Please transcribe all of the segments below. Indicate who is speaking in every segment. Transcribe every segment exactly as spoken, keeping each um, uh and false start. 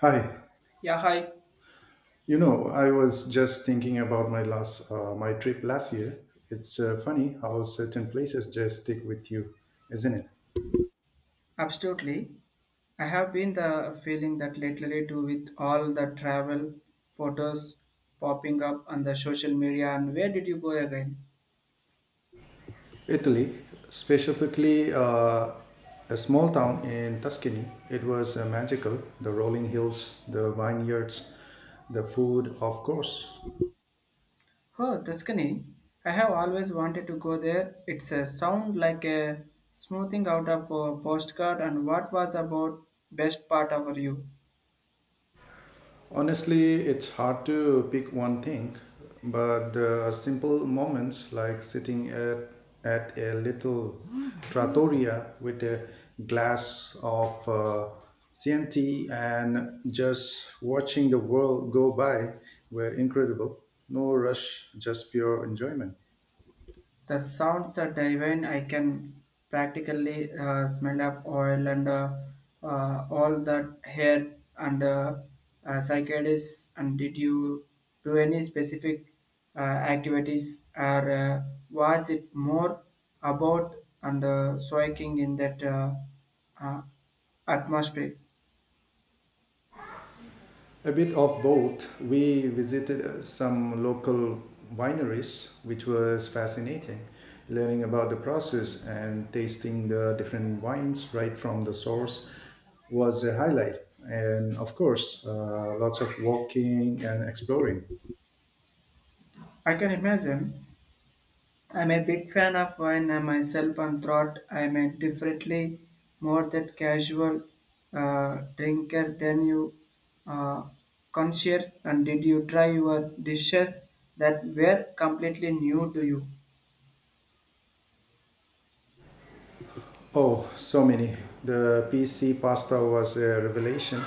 Speaker 1: Hi.
Speaker 2: Yeah, hi.
Speaker 1: You know, I was just thinking about my last uh, my trip last year. It's uh, funny how certain places just stick with you, isn't it?
Speaker 2: Absolutely. I have been the feeling that lately too with all the travel photos popping up on the social media and where did you go again?
Speaker 1: Italy, specifically uh, a small town in Tuscany. It was uh, magical. The rolling hills, the vineyards, the food, of course.
Speaker 2: Oh, Tuscany. I have always wanted to go there. It's a sound like a smoothing out of a postcard and what was about best part of you?
Speaker 1: Honestly, it's hard to pick one thing, but the simple moments like sitting at, at a little trattoria with a glass of uh, Chianti and just watching the world go by were incredible. No rush, just pure enjoyment.
Speaker 2: The sounds are divine. I can practically uh, smell of oil and uh, uh, all that hair and uh, uh, psychedelics. And did you do any specific uh, activities or uh, was it more about and uh, soaking in that uh, uh, atmosphere?
Speaker 1: A bit of both. We visited uh, some local wineries, which was fascinating, learning about the process and tasting the different wines right from the source was a highlight. And of course, uh, lots of walking and exploring.
Speaker 2: I can imagine I'm a big fan of wine and myself and thought I'm a differently more that casual uh, drinker than you uh, conscious and did you try your dishes that were completely new to you?
Speaker 1: Oh, so many. The P C pasta was a revelation.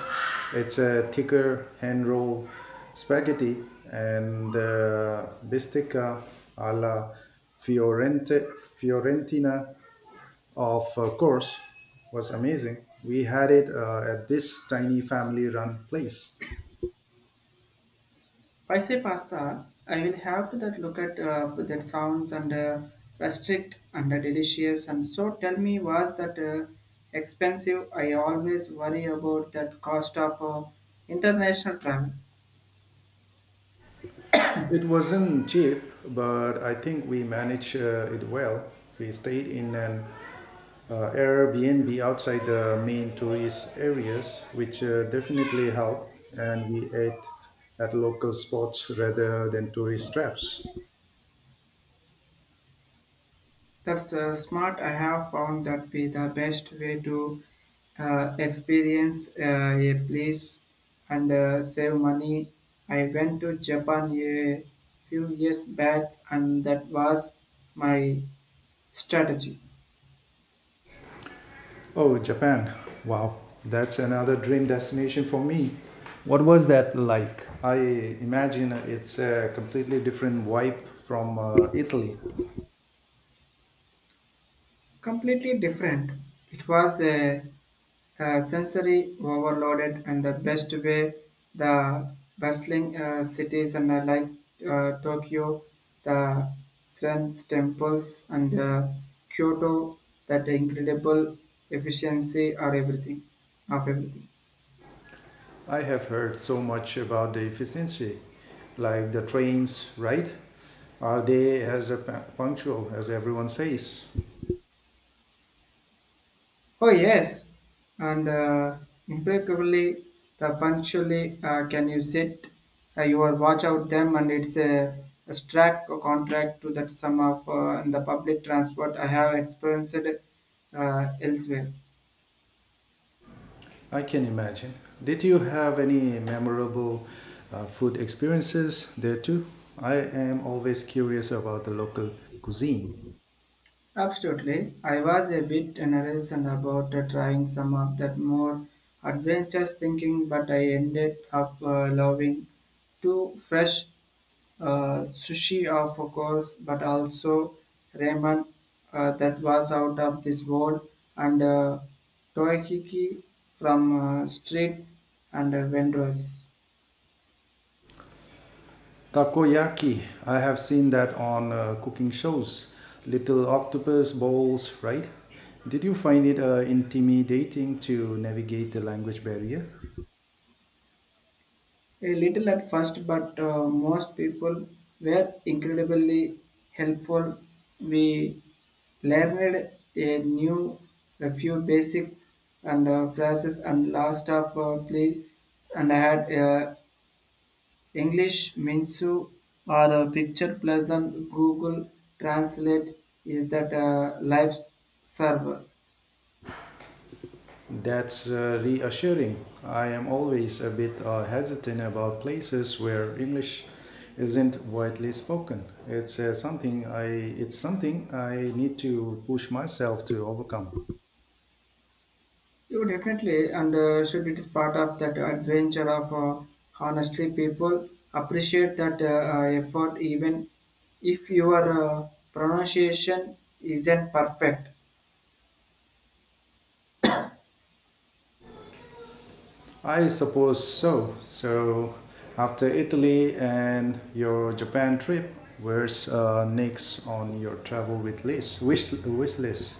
Speaker 1: It's a thicker hand roll spaghetti, and the bistecca alla Fiorente, Fiorentina, of uh, course, was amazing. We had it uh, at this tiny family run place.
Speaker 2: I say pasta, I will have to that look at uh, that sounds and uh, restrict and uh, delicious and so tell me was that uh, expensive? I always worry about that cost of uh, international travel.
Speaker 1: It wasn't cheap, but I think we managed uh, it well. We stayed in an uh, Airbnb outside the main tourist areas, which uh, definitely helped, and we ate at local spots rather than tourist traps.
Speaker 2: That's uh, smart. I have found that be the best way to uh, experience uh, a place and uh, save money. I went to Japan a few years back, and that was my strategy.
Speaker 1: Oh, Japan! Wow, that's another dream destination for me. What was that like? I imagine it's a completely different vibe from uh, Italy.
Speaker 2: Completely different. It was a, a sensory overloaded and the best way the bustling uh, cities and uh, like uh, Tokyo, the Zen temples and uh, Kyoto, that incredible efficiency are everything of everything.
Speaker 1: I have heard so much about the efficiency, like the trains, right? Are they as uh, punctual as everyone says?
Speaker 2: Oh yes, and uh, impeccably, the punctually uh, can you sit uh, your watch out them, and it's a, a strict contract to that sum of uh, in the public transport I have experienced uh, elsewhere.
Speaker 1: I can imagine. Did you have any memorable uh, food experiences there too? I am always curious about the local cuisine.
Speaker 2: Absolutely. I was a bit nervous and about uh, trying some of that more adventurous thinking, but I ended up uh, loving two fresh uh, sushi, of course, but also ramen uh, that was out of this world, and uh, toyaki from uh, street and uh, vendors.
Speaker 1: Takoyaki, I have seen that on uh, cooking shows. Little octopus balls, right? Did you find it uh, intimidating to navigate the language barrier?
Speaker 2: A little at first, but uh, most people were incredibly helpful. We learned a new, a few basic and uh, phrases and last of uh, please, and I had uh, English Minsu or a picture pleasant Google Translate is that uh, live server.
Speaker 1: That's uh, reassuring. I am always a bit uh, hesitant about places where English isn't widely spoken. It's uh, something I it's something I need to push myself to overcome.
Speaker 2: You definitely, and uh, should it is part of that adventure of uh, honestly, people appreciate that uh, uh, effort even if your uh, pronunciation isn't perfect.
Speaker 1: I suppose so. So after Italy and your Japan trip, where's uh, next on your travel with list wish, wish list?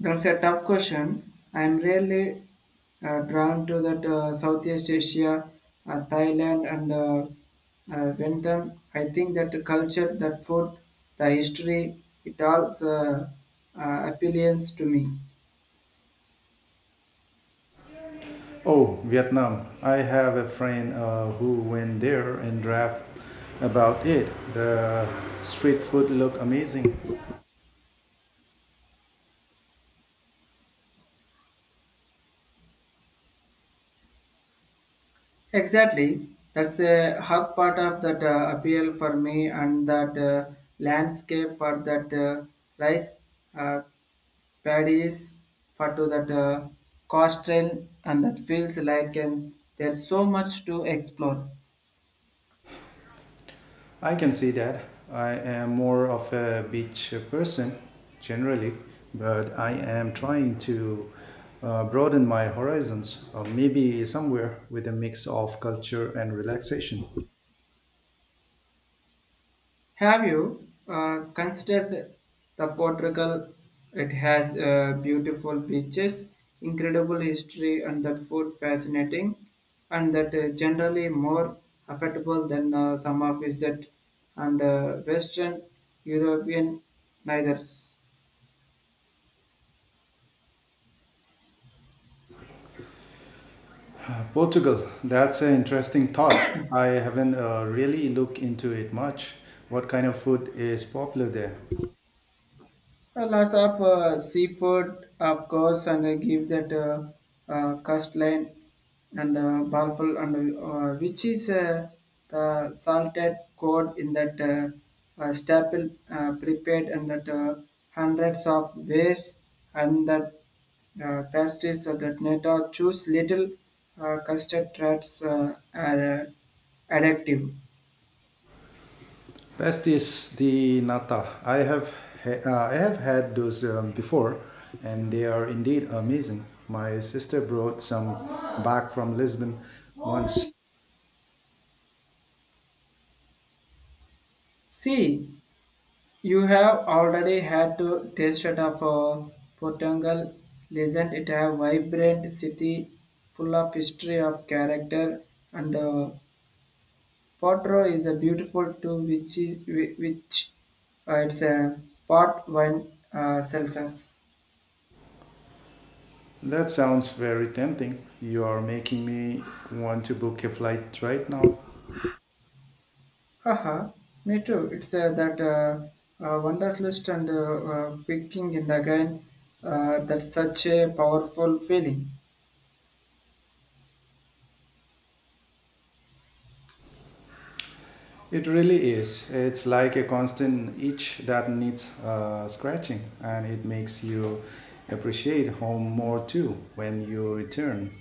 Speaker 2: That's a tough question. I'm really uh, drawn to that uh, Southeast Asia, uh, Thailand, and uh, uh, Vietnam. I think that the culture, that food, the history, it all uh, uh, appeals to me.
Speaker 1: Oh, Vietnam. I have a friend uh, who went there and rapped about it. The street food looked amazing.
Speaker 2: Exactly. That's a hard part of that uh, appeal for me and that uh, landscape for that uh, rice uh, paddies for to that uh, coast trail and that feels like and there's so much to explore.
Speaker 1: I can see that. I am more of a beach person generally, but I am trying to uh, broaden my horizons, or maybe somewhere with a mix of culture and relaxation.
Speaker 2: Have you uh, considered the Portugal? It has uh, beautiful beaches, incredible history, and that food fascinating, and that uh, generally more affordable than uh, some of visit and uh, Western European neithers.
Speaker 1: Uh, Portugal, that's an interesting thought. I haven't uh, really looked into it much. What kind of food is popular there?
Speaker 2: Uh, lots of uh, seafood, of course, and uh, give that uh, uh, custline and uh, balful, and uh, which is uh, the salted cod in that uh, uh, staple uh, prepared and that uh, hundreds of ways and that uh, pastries so that neta choose little uh, custard traps uh, are uh, addictive.
Speaker 1: Best is the nata. I have ha- uh, I have had those um, before, and they are indeed amazing. My sister brought some back from Lisbon once.
Speaker 2: See, you have already had to taste it of uh, Portugal, isn't it? A vibrant city full of history of character, and uh, Porto is a beautiful too, which is whi- which uh, it's a pot wine uh, Celsius.
Speaker 1: That sounds very tempting. You are making me want to book a flight right now.
Speaker 2: Haha, me too. It's uh, that uh, uh, wonders list and uh, uh, picking in the again. Uh, that's such a powerful feeling.
Speaker 1: It really is. It's like a constant itch that needs uh, scratching, and it makes you appreciate home more too when you return.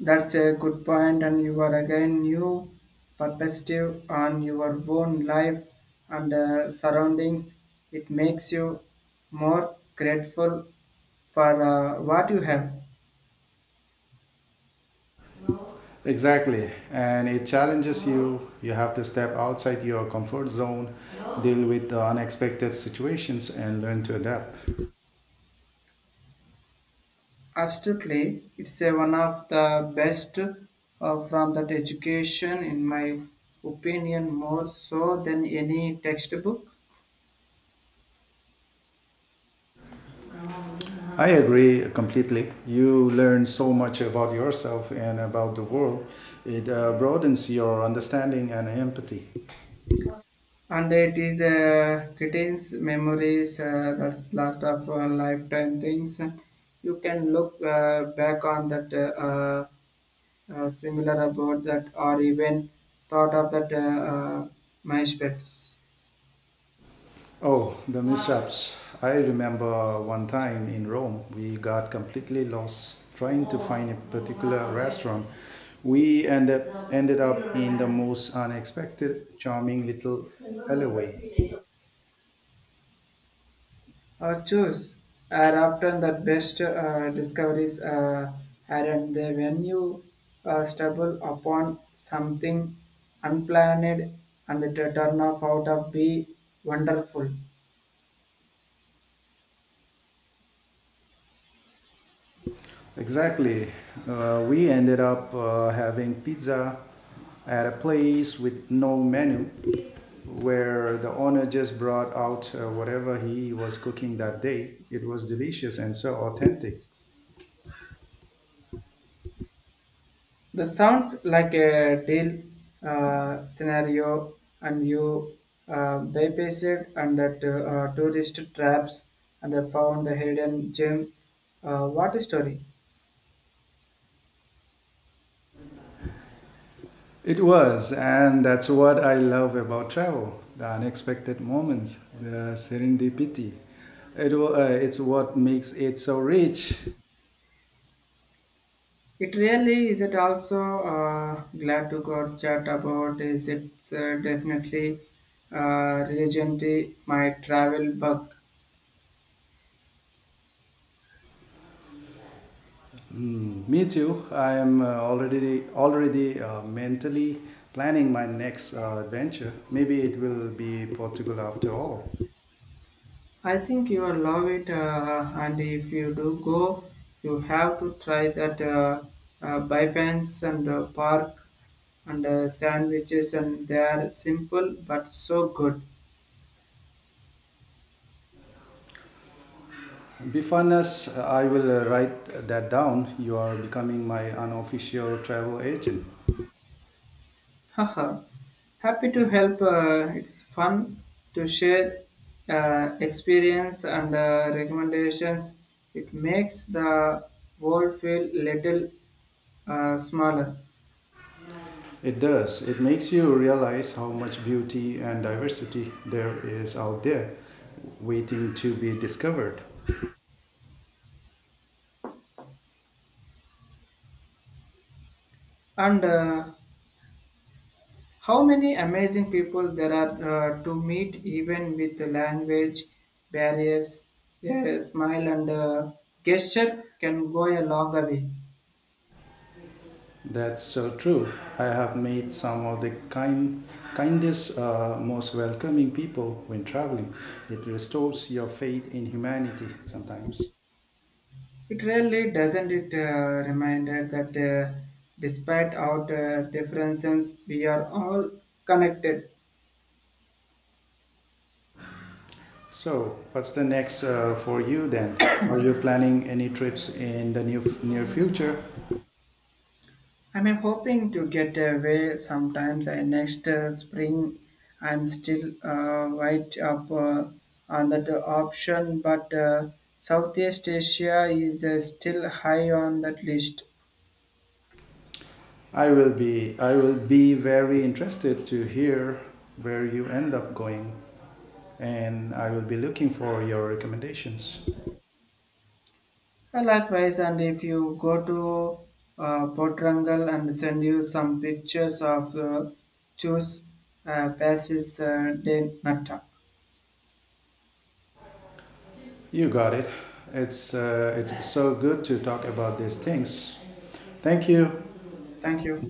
Speaker 2: That's a good point, and you are again new perspective on your own life and uh, surroundings. It makes you more grateful for uh, what you have.
Speaker 1: Exactly. And it challenges you. You have to step outside your comfort zone, deal with the unexpected situations, and learn to adapt.
Speaker 2: Absolutely, it's uh, one of the best uh, from that education, in my opinion, more so than any textbook.
Speaker 1: I agree completely. You learn so much about yourself and about the world. It uh, broadens your understanding and empathy.
Speaker 2: And it is uh, retains memories uh, that's last of uh, lifetime things you can look uh, back on that uh, uh, uh, similar about that or even thought of that uh, uh, my spets
Speaker 1: Oh, the mishaps. I remember one time in Rome, we got completely lost trying to find a particular restaurant. We ended, ended up in the most unexpected, charming little alleyway.
Speaker 2: or choose are often the best uh, discoveries uh, aren't they when you uh, stumble upon something unplanned and the turn off out of be wonderful.
Speaker 1: Exactly. Uh, we ended up uh, having pizza at a place with no menu where the owner just brought out uh, whatever he was cooking that day. It was delicious and so authentic.
Speaker 2: That sounds like a deal uh, scenario, and you uh, bypassed and that uh, tourist traps and uh, found a hidden gem. Uh, what a story!
Speaker 1: It was, and that's what I love about travel the unexpected moments, the serendipity. It, wa- uh, it's what makes it so rich.
Speaker 2: It really is. It also uh, glad to go chat about is it's uh, definitely uh, religion to my travel bug.
Speaker 1: Me too. I am uh, already already uh, mentally planning my next uh, adventure. Maybe it will be Portugal after all.
Speaker 2: I think you will love it, uh, and if you do go, you have to try that uh, uh, Bifans and uh, Park and uh, sandwiches, and they are simple but so good.
Speaker 1: Bifanas, I will uh, write that down. You are becoming my unofficial travel agent.
Speaker 2: Haha! Happy to help. Uh, it's fun to share uh, experience and uh, recommendations. It makes the world feel little uh, smaller.
Speaker 1: It does. It makes you realize how much beauty and diversity there is out there waiting to be discovered.
Speaker 2: And uh, how many amazing people there are uh, to meet, even with the language barriers, a smile and a gesture can go a long way.
Speaker 1: That's so true. I have met some of the kind, kindest, uh, most welcoming people when traveling. It restores your faith in humanity sometimes.
Speaker 2: It really doesn't it uh, reminder that uh, despite our uh, differences, we are all connected.
Speaker 1: So, what's the next uh, for you then? Are you planning any trips in the new near future?
Speaker 2: I'm hoping to get away sometimes uh, next uh, spring. I'm still uh, right up uh, on that option, but uh, Southeast Asia is uh, still high on that list.
Speaker 1: I will be I will be very interested to hear where you end up going, and I will be looking for your recommendations.
Speaker 2: Uh, likewise, and if you go to uh, Potrangal and send you some pictures of uh, choose uh, passes uh, de Nata.
Speaker 1: You got it. It's uh, it's so good to talk about these things. Thank you.
Speaker 2: Thank you.